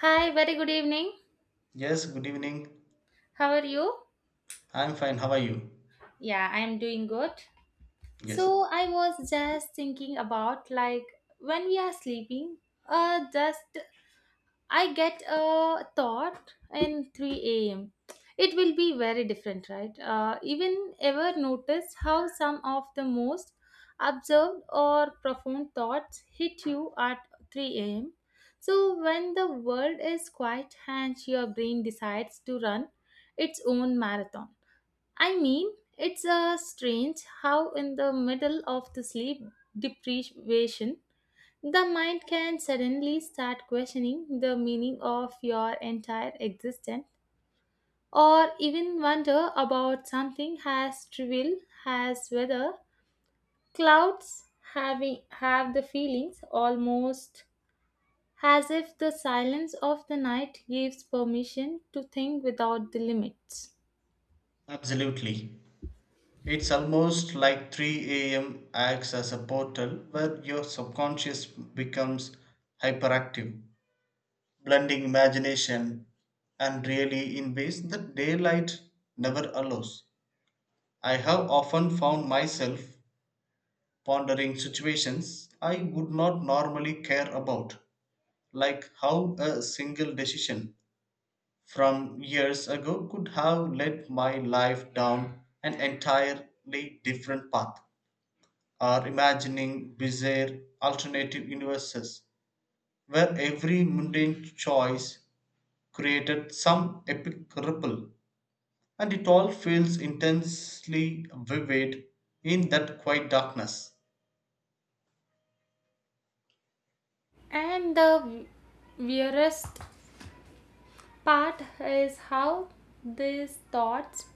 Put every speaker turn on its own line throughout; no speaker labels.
Hi, very good evening.
Yes, good evening.
How are you?
I'm fine. How are you?
Yeah, I am doing good.
Yes,
So, I was just thinking about, like, when we are sleeping, just I get a thought in 3 a.m. It will be very different, right? Even ever notice how some of the most observed or profound thoughts hit you at 3 a.m.? So when the world is quiet and your brain decides to run its own marathon, I mean, it's strange how, in the middle of the sleep deprivation, the mind can suddenly start questioning the meaning of your entire existence, or even wonder about something as trivial as whether clouds have the feelings, almost as if the silence of the night gives permission to think without the limits.
absolutely. It's almost like 3 a.m. acts as a portal where your subconscious becomes hyperactive, blending imagination and really in ways that daylight never allows. I have often found myself pondering situations I would not normally care about, like how a single decision from years ago could have led my life down an entirely different path, or imagining bizarre alternative universes where every mundane choice created some epic ripple, and it all feels intensely vivid in that quiet darkness.
And the weirdest part is how these thoughts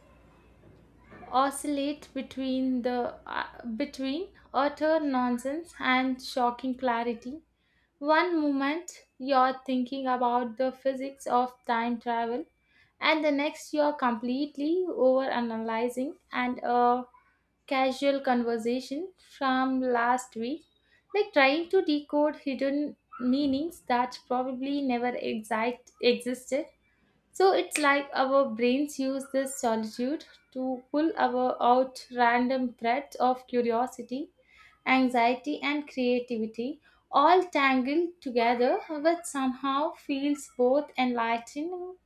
oscillate between the between utter nonsense and shocking clarity. One moment you're thinking about the physics of time travel, and the next you're completely over analyzing and a casual conversation from last week, like trying to decode hidden meanings that probably never exact existed. So it's like our brains use this solitude to pull our out random threads of curiosity, anxiety, and creativity, all tangled together, which somehow feels both enlightening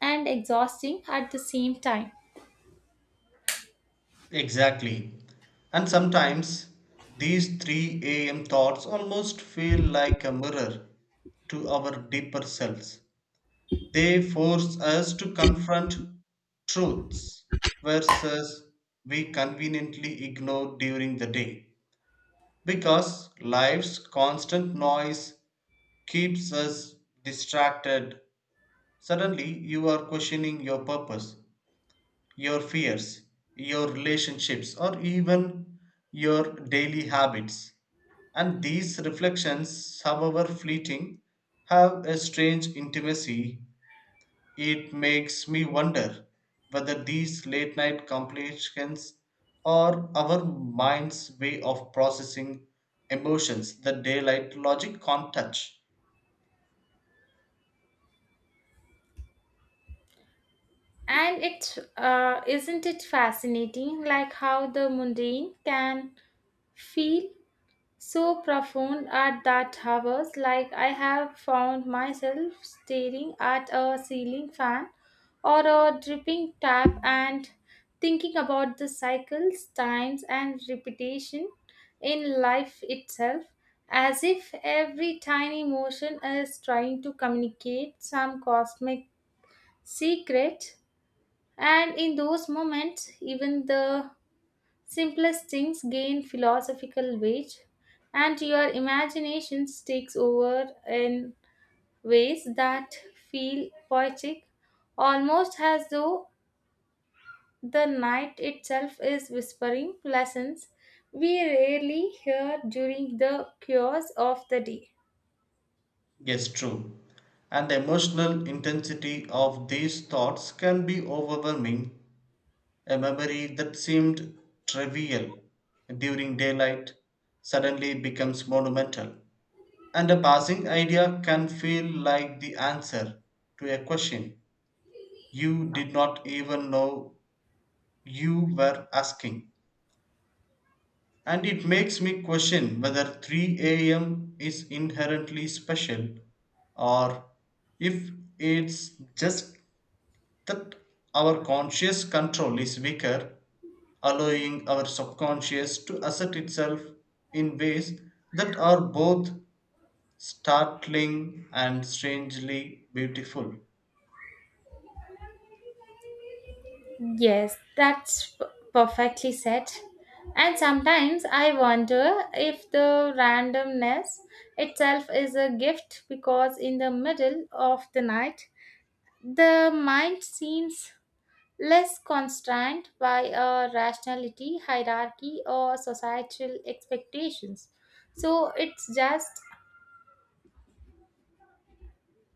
and exhausting at the same time.
Exactly. And sometimes these 3 a.m. thoughts almost feel like a mirror to our deeper selves. They force us to confront truths versus we conveniently ignore during the day because life's constant noise keeps us distracted. Suddenly, you are questioning your purpose, your fears, your relationships, or even your daily habits. And these reflections, however fleeting, have a strange intimacy. It makes me wonder whether these late night complications are our mind's way of processing emotions that daylight logic can't touch.
And it isn't it fascinating, like how the mundane can feel so profound at that hours? Like I have found myself staring at a ceiling fan or a dripping tap and thinking about the cycles times and repetition in life itself, as if every tiny motion is trying to communicate some cosmic secret. And in those moments, even the simplest things gain philosophical weight, and your imagination takes over in ways that feel poetic, almost as though the night itself is whispering lessons we rarely hear during the chaos of the day.
Yes, true. And the emotional intensity of these thoughts can be overwhelming. A memory that seemed trivial during daylight suddenly becomes monumental. And a passing idea can feel like the answer to a question you did not even know you were asking. And it makes me question whether 3 a.m. is inherently special, or if it's just that our conscious control is weaker, allowing our subconscious to assert itself in ways that are both startling and strangely beautiful.
Yes, that's perfectly said. And sometimes I wonder if the randomness itself is a gift, because in the middle of the night, the mind seems less constrained by a rationality, hierarchy, or societal expectations. So it's just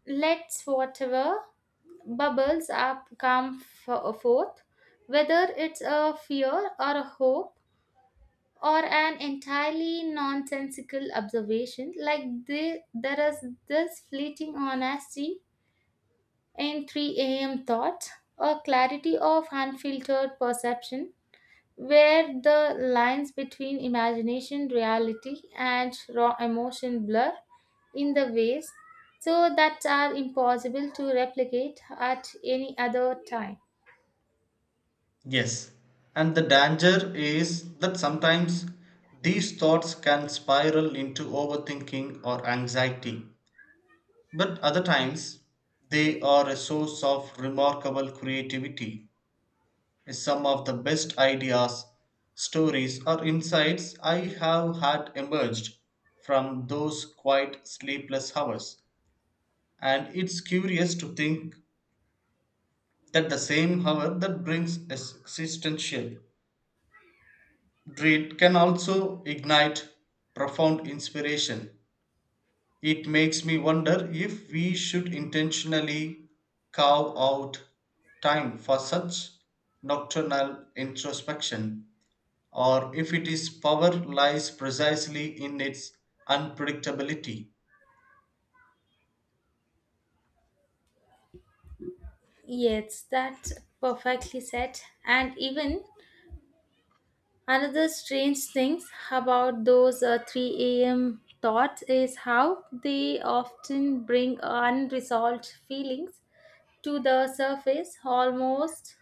lets whatever bubbles up come forth, whether it's a fear or a hope or an entirely nonsensical observation. Like there is this fleeting honesty in 3 a.m. thought, a clarity of unfiltered perception where the lines between imagination, reality, and raw emotion blur in the ways so that are impossible to replicate at any other time.
Yes, and the danger is that sometimes these thoughts can spiral into overthinking or anxiety, but other times they are a source of remarkable creativity. Some of the best ideas, stories, or insights I have had emerged from those quiet, sleepless hours, and it's curious to think that the same hour that brings existential dread can also ignite profound inspiration. It makes me wonder if we should intentionally carve out time for such nocturnal introspection, or if it is power lies precisely in its unpredictability.
Yes, that's perfectly said. And even another strange thing about those 3 a.m. thoughts is how they often bring unresolved feelings to the surface, almost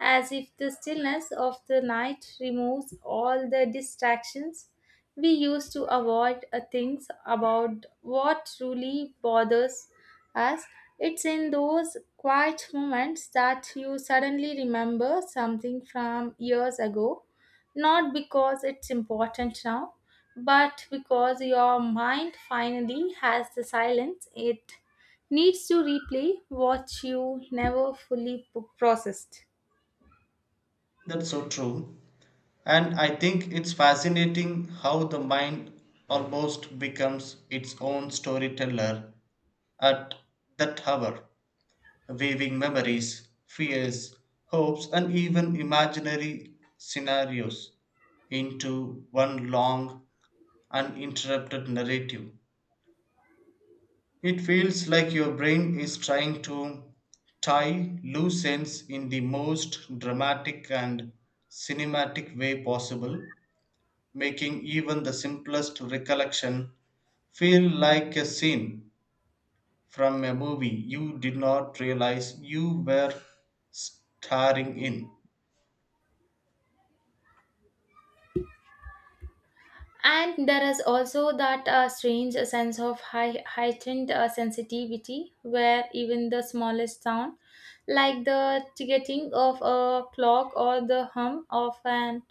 as if the stillness of the night removes all the distractions we used to avoid things about what truly bothers us. It's in those quiet moments that you suddenly remember something from years ago, not because it's important now, but because your mind finally has the silence it needs to replay what you never fully processed.
That's so true. And I think it's fascinating how the mind almost becomes its own storyteller at that hour, weaving memories, fears, hopes, and even imaginary scenarios into one long, uninterrupted narrative. It feels like your brain is trying to tie loose ends in the most dramatic and cinematic way possible, making even the simplest recollection feel like a scene from a movie you did not realize you were starring in.
And there is also that strange sense of heightened sensitivity where even the smallest sound, like the ticking of a clock or the hum of an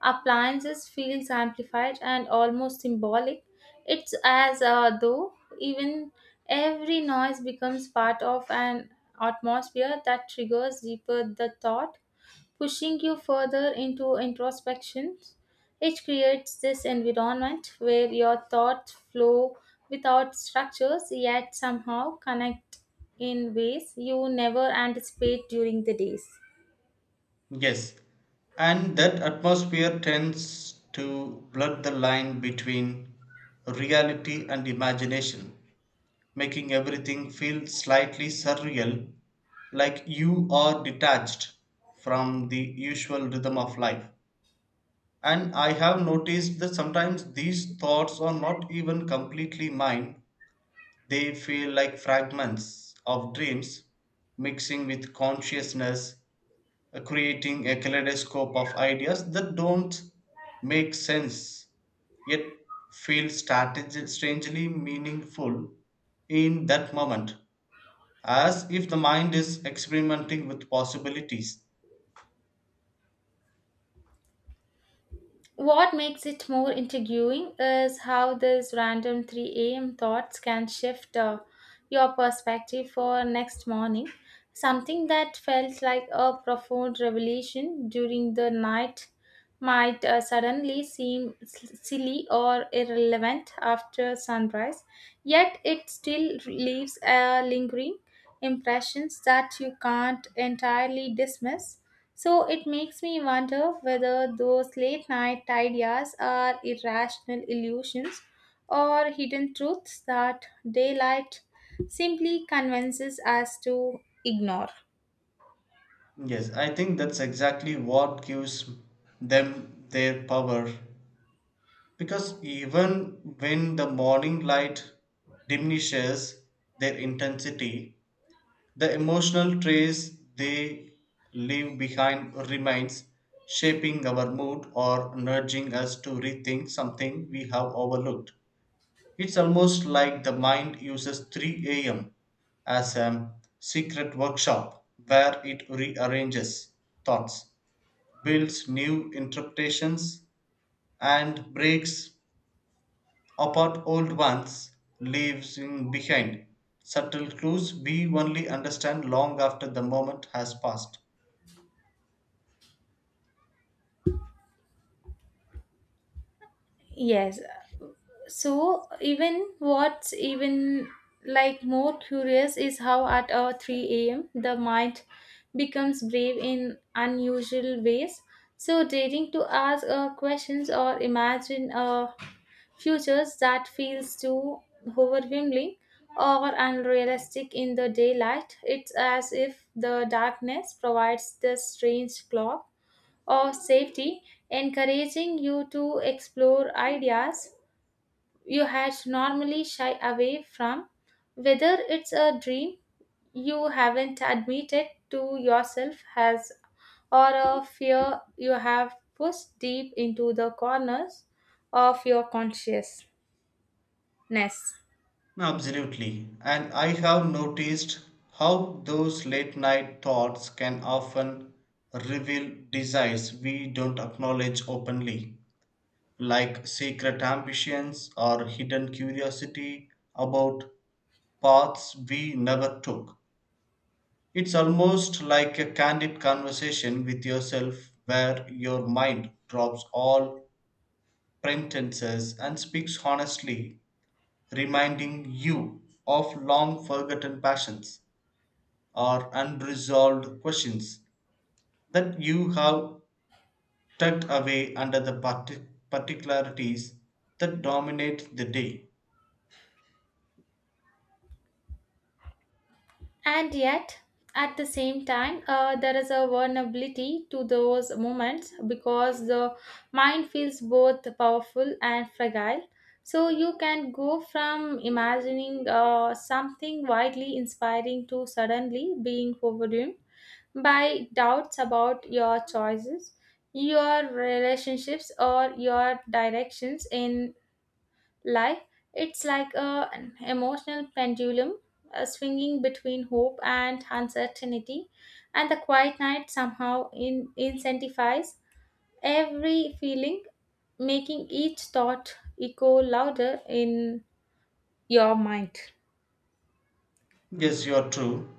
appliance, feels amplified and almost symbolic. It's as though even every noise becomes part of an atmosphere that triggers deeper the thought, pushing you further into introspection. It creates this environment where your thoughts flow without structures yet somehow connect in ways you never anticipate during the days.
Yes, and that atmosphere tends to blur the line between reality and imagination, making everything feel slightly surreal, like you are detached from the usual rhythm of life. And I have noticed that sometimes these thoughts are not even completely mine. They feel like fragments of dreams mixing with consciousness, creating a kaleidoscope of ideas that don't make sense yet feel strangely meaningful in that moment, as if the mind is experimenting with possibilities.
What makes it more intriguing is how these random 3 a.m. thoughts can shift your perspective for next morning. Something that felt like a profound revelation during the night might suddenly seem silly or irrelevant after sunrise, yet it still leaves a lingering impressions that you can't entirely dismiss. So it makes me wonder whether those late night ideas are irrational illusions or hidden truths that daylight simply convinces us to ignore.
Yes, I think that's exactly what gives them their power. Because even when the morning light diminishes their intensity, the emotional trace they leave behind remains, shaping our mood or nudging us to rethink something we have overlooked. It's almost like the mind uses 3 a.m. as a secret workshop where it rearranges thoughts, builds new interpretations, and breaks apart old ones, leaving behind subtle clues we only understand long after the moment has passed.
Yes. So even what's even like more curious is how at 3 a.m. the mind becomes brave in unusual ways. So daring to ask questions or imagine a futures that feels too overwhelming or unrealistic in the daylight. It's as if the darkness provides this strange cloak of safety, encouraging you to explore ideas you had normally shy away from, whether it's a dream you haven't admitted to yourself has, or a fear you have pushed deep into the corners of your conscious ness.
Absolutely. And I have noticed how those late night thoughts can often reveal desires we don't acknowledge openly, like secret ambitions or hidden curiosity about paths we never took. It's almost like a candid conversation with yourself where your mind drops all pretenses and speaks honestly, reminding you of long forgotten passions or unresolved questions that you have tucked away under the particularities that dominate the day.
And yet, at the same time, there is a vulnerability to those moments because the mind feels both powerful and fragile. So you can go from imagining something widely inspiring to suddenly being overwhelmed by doubts about your choices, your relationships, or your directions in life. It's like an emotional pendulum swinging between hope and uncertainty, and the quiet night somehow incentivize every feeling, making each thought echo louder in your mind.
Yes, you are true.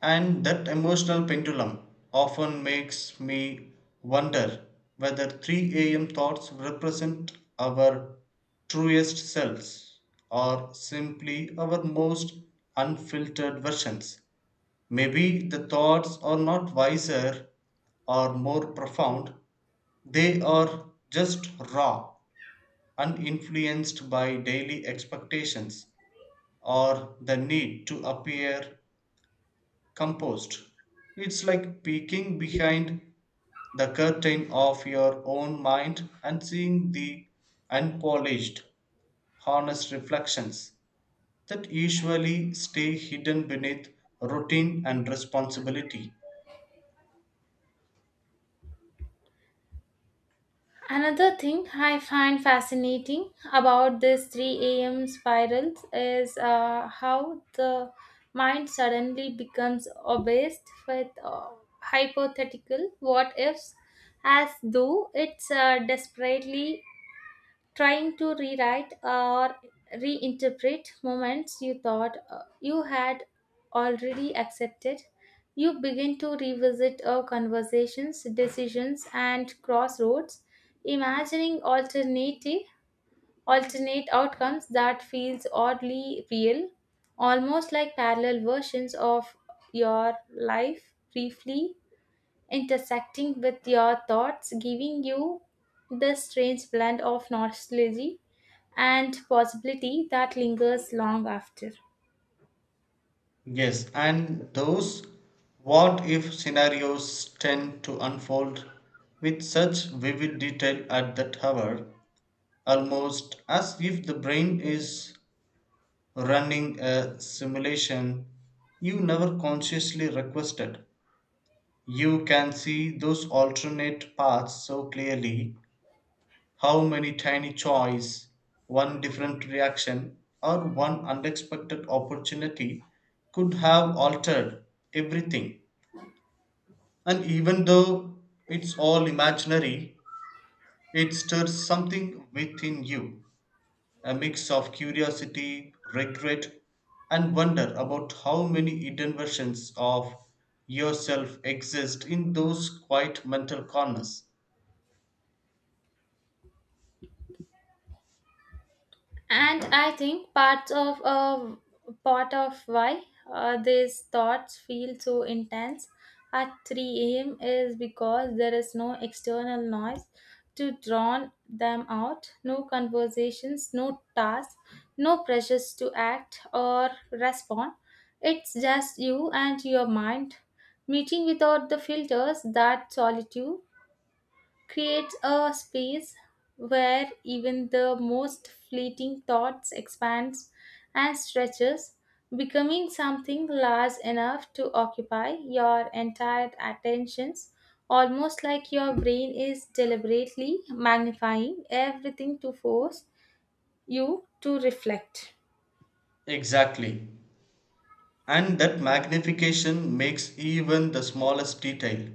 And that emotional pendulum often makes me wonder whether 3 a.m. thoughts represent our truest selves or simply our most unfiltered versions. Maybe the thoughts are not wiser or more profound, they are just raw, uninfluenced by daily expectations or the need to appear composed. It's like peeking behind the curtain of your own mind and seeing the unpolished, honest reflections that usually stay hidden beneath routine and responsibility.
Another thing I find fascinating about this 3 a.m. spirals is how the mind suddenly becomes obsessed with hypothetical what ifs, as though it's desperately trying to rewrite or reinterpret moments you thought you had already accepted. You begin to revisit our conversations, decisions, and crossroads, imagining alternate outcomes that feels oddly real, almost like parallel versions of your life briefly intersecting with your thoughts, giving you this strange blend of nostalgia and possibility that lingers long after.
Yes, and those what if scenarios tend to unfold with such vivid detail at that hour, almost as if the brain is running a simulation you never consciously requested. You can see those alternate paths so clearly, how many tiny choice, one different reaction, or one unexpected opportunity could have altered everything. And even though it's all imaginary, it stirs something within you, a mix of curiosity, regret, and wonder about how many hidden versions of yourself exist in those quiet mental corners.
And I think part of why these thoughts feel so intense at 3 a.m. is because there is no external noise to drown them out, no conversations, no tasks, no pressures to act or respond. It's just you and your mind meeting without the filters that solitude creates, a space where even the most fleeting thoughts expands and stretches, becoming something large enough to occupy your entire attentions, almost like your brain is deliberately magnifying everything to force you to reflect.
Exactly. And that magnification makes even the smallest detail,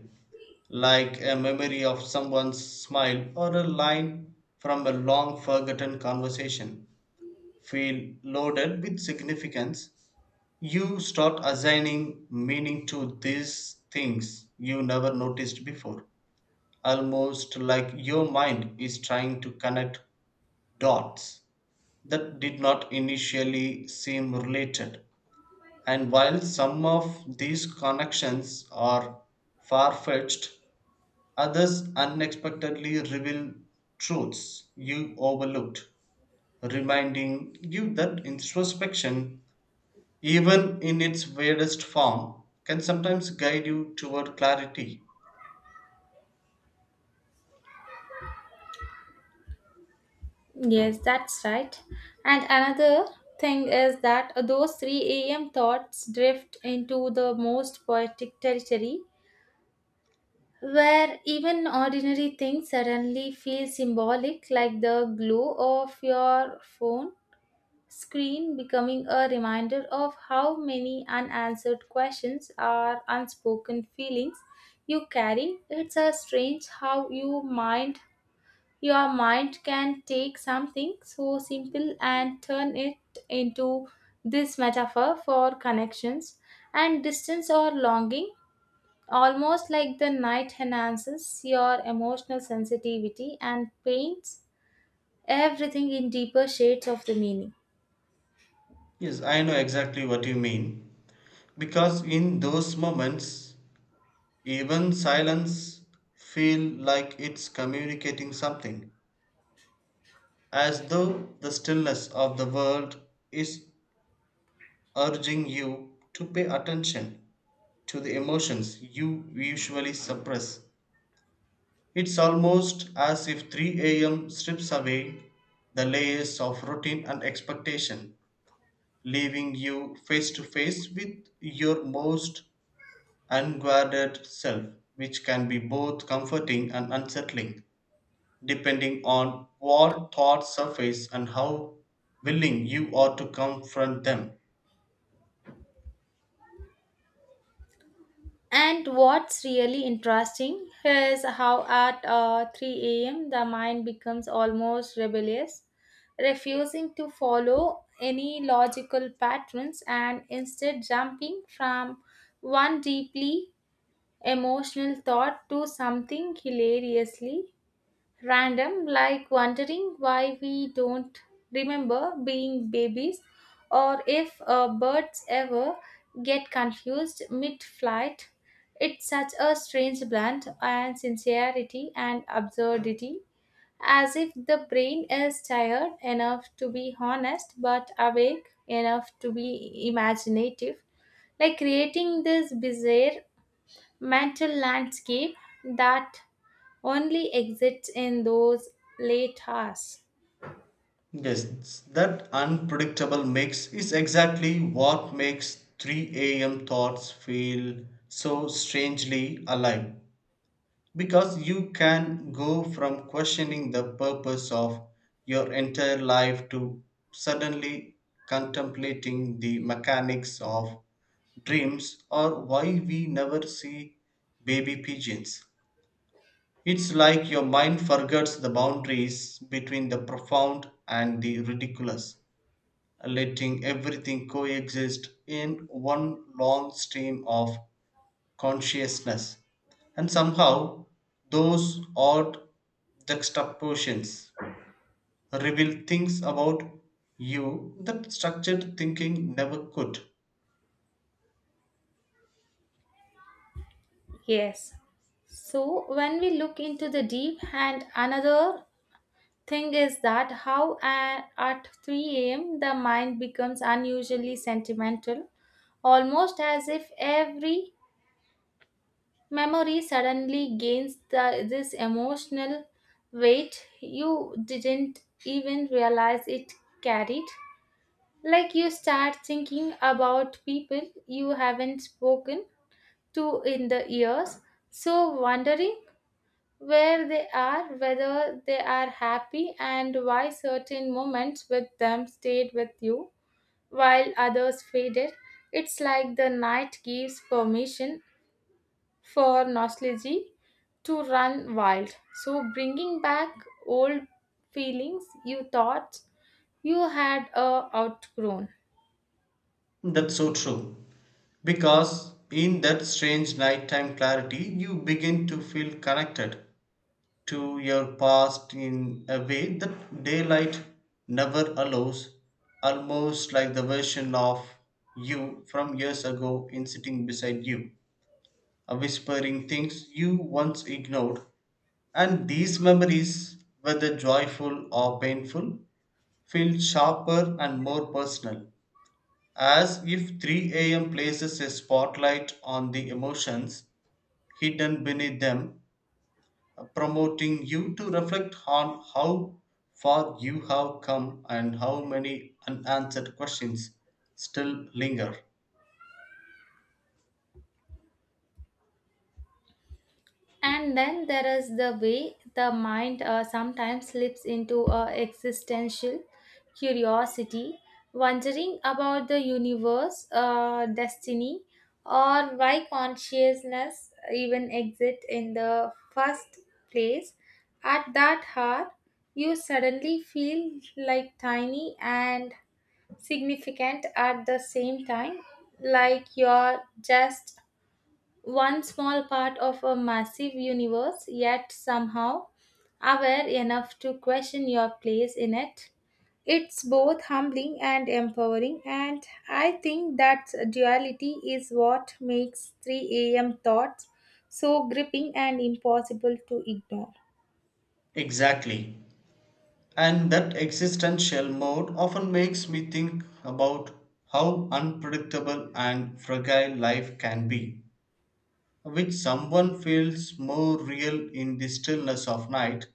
like a memory of someone's smile or a line from a long forgotten conversation, feel loaded with significance. You start assigning meaning to these things you never noticed before, almost like your mind is trying to connect dots that did not initially seem related. And while some of these connections are far fetched, others unexpectedly reveal truths you overlooked, reminding you that introspection, even in its weirdest form, can sometimes guide you toward clarity.
Yes, that's right. And another thing is that those 3 a.m. thoughts drift into the most poetic territory where even ordinary things suddenly feel symbolic, like the glow of your phone screen becoming a reminder of how many unanswered questions or unspoken feelings you carry. It's a strange how your mind can take something so simple and turn it into this metaphor for connections and distance or longing, almost like the night enhances your emotional sensitivity and paints everything in deeper shades of the meaning.
Yes, I know exactly what you mean. Because in those moments, even silence feel like it's communicating something, as though the stillness of the world is urging you to pay attention to the emotions you usually suppress. It's almost as if 3 a.m. strips away the layers of routine and expectation, leaving you face to face with your most unguarded self, which can be both comforting and unsettling, depending on what thoughts surface and how willing you are to confront them.
And what's really interesting is how at 3 a.m. the mind becomes almost rebellious, refusing to follow any logical patterns and instead jumping from one deeply emotional thought to something hilariously random, like wondering why we don't remember being babies, or if birds ever get confused mid flight. It's such a strange blend and sincerity and absurdity, as if the brain is tired enough to be honest but awake enough to be imaginative, like creating this bizarre mental landscape that only exists in those late hours.
Yes, that unpredictable mix is exactly what makes 3 a.m. thoughts feel so strangely alive, because you can go from questioning the purpose of your entire life to suddenly contemplating the mechanics of dreams or why we never see baby pigeons. It's like your mind forgets the boundaries between the profound and the ridiculous, letting everything coexist in one long stream of consciousness. And somehow, those odd juxtapositions reveal things about you that structured thinking never could.
Yes. So when we look into the deep, and another thing is that how at 3 a.m. the mind becomes unusually sentimental, almost as if every memory suddenly gains this emotional weight you didn't even realize it carried. Like, you start thinking about people you haven't spoken to in the years, so wondering where they are, whether they are happy, and why certain moments with them stayed with you while others faded. It's like the night gives permission for nostalgia to run wild. So, bringing back old feelings you thought you had outgrown.
That's so true. Because in that strange nighttime clarity, you begin to feel connected to your past in a way that daylight never allows, almost like the version of you from years ago in sitting beside you, whispering things you once ignored. And these memories, whether joyful or painful, feel sharper and more personal, as if 3 a.m. places a spotlight on the emotions hidden beneath them, promoting you to reflect on how far you have come and how many unanswered questions still linger.
And then there is the way the mind sometimes slips into a existential curiosity, wondering about the universe, destiny, or why consciousness even exists in the first place. At that heart, you suddenly feel like tiny and significant at the same time, like you're just one small part of a massive universe, yet somehow aware enough to question your place in it. It's both humbling and empowering, and I think that duality is what makes 3 a.m. thoughts so gripping and impossible to ignore.
Exactly. And that existential mode often makes me think about how unpredictable and fragile life can be, which someone feels more real in the stillness of night.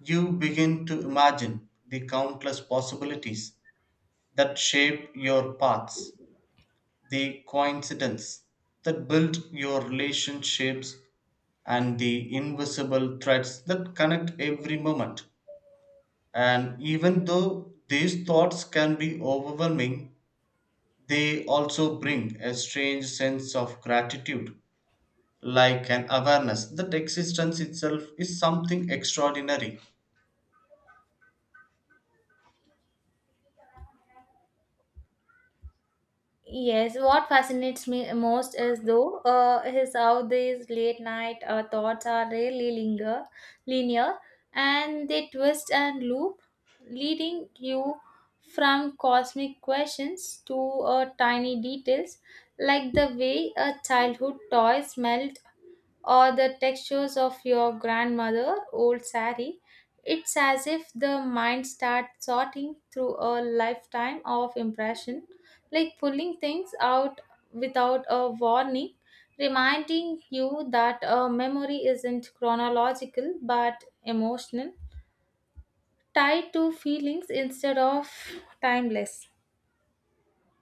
You begin to imagine the countless possibilities that shape your paths, the coincidences that build your relationships and the invisible threads that connect every moment. And even though these thoughts can be overwhelming, they also bring a strange sense of gratitude, like an awareness that existence itself is something extraordinary.
Yes, what fascinates me most is though is how these late night thoughts are really linear, and they twist and loop, leading you from cosmic questions to tiny details, like the way a childhood toy smelled or the textures of your grandmother old sari. It's as if the mind starts sorting through a lifetime of impression, like pulling things out without a warning, reminding you that a memory isn't chronological but emotional, tied to feelings instead of timeless.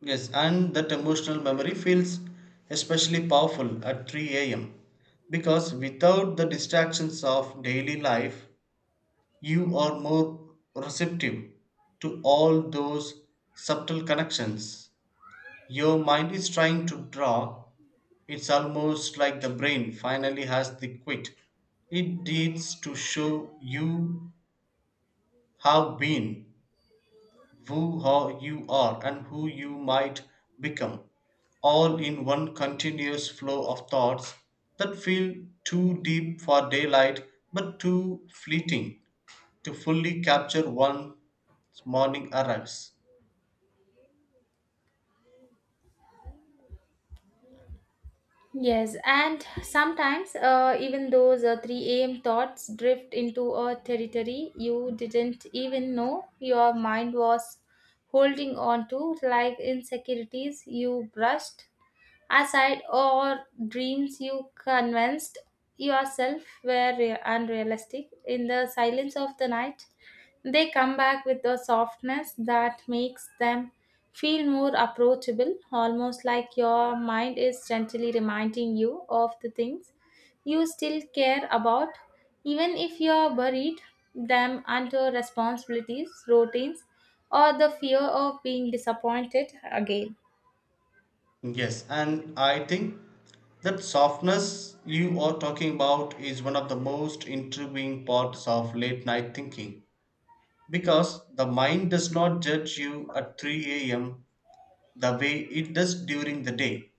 Yes, and that emotional memory feels especially powerful at 3 a.m. because without the distractions of daily life, you are more receptive to all those subtle connections your mind is trying to draw. It's almost like the brain finally has the quit. It needs to show you how been, who how you are, and who you might become, all in one continuous flow of thoughts that feel too deep for daylight but too fleeting to fully capture one's morning arrives.
Yes, and sometimes even those 3 a.m. thoughts drift into a territory you didn't even know your mind was holding on to, like insecurities you brushed aside or dreams you convinced yourself were unrealistic. In the silence of the night, they come back with a softness that makes them feel more approachable, almost like your mind is gently reminding you of the things you still care about, even if you're buried them under responsibilities, routines, or the fear of being disappointed again.
Yes, and I think that softness you are talking about is one of the most intriguing parts of late night thinking, because the mind does not judge you at 3 a.m. the way it does during the day.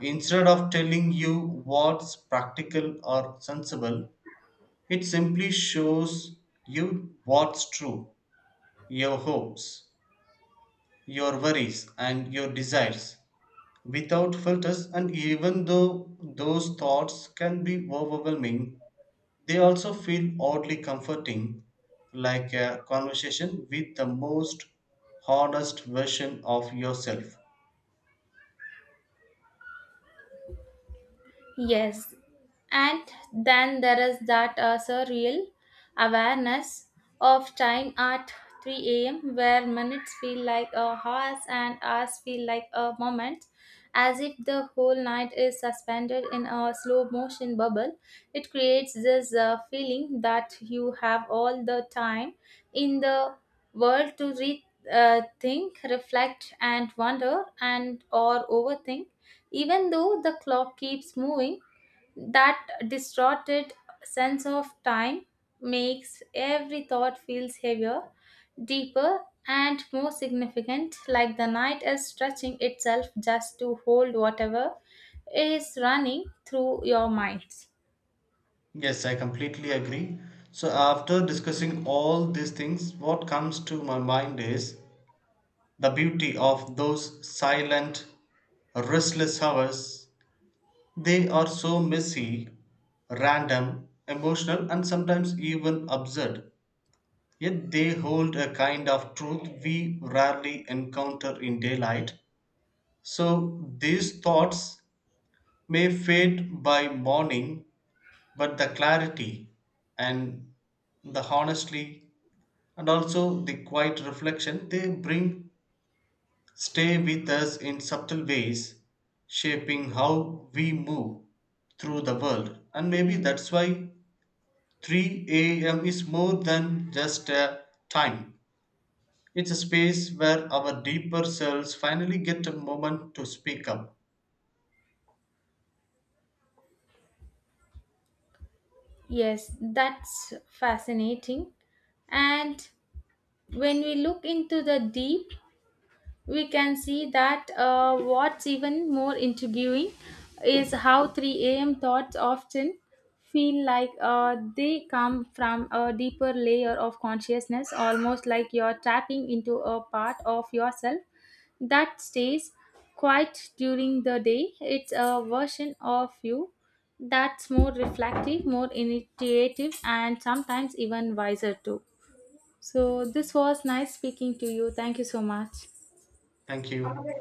Instead of telling you what's practical or sensible, it simply shows you what's true, your hopes, your worries and your desires without filters, and even though those thoughts can be overwhelming, they also feel oddly comforting, like a conversation with the most honest version of yourself.
Yes, and then there is that surreal awareness of time at 3 a.m., where minutes feel like a hours and hours feel like a moment, as if the whole night is suspended in a slow motion bubble. It creates this feeling that you have all the time in the world to think, reflect, and wonder, and or overthink, even though the clock keeps moving. That distorted sense of time makes every thought feels heavier, deeper, and more significant, like the night is stretching itself just to hold whatever is running through your minds.
Yes, I completely agree. So after discussing all these things, what comes to my mind is the beauty of those silent restless hours. They are so messy, random, emotional, and sometimes even absurd. Yet they hold a kind of truth we rarely encounter in daylight. So these thoughts may fade by morning, but the clarity and the honesty and also the quiet reflection they bring stay with us in subtle ways, shaping how we move through the world. And maybe that's why 3 a.m. is more than just a time. It's a space where our deeper selves finally get a moment to speak up.
Yes, that's fascinating. And when we look into the deep, we can see that what's even more intriguing is how 3 a.m. thoughts often feel like they come from a deeper layer of consciousness, almost like you're tapping into a part of yourself that stays quiet during the day. It's a version of you that's more reflective, more initiative, and sometimes even wiser too. So, this was nice speaking to you. Thank you so much.
Thank you.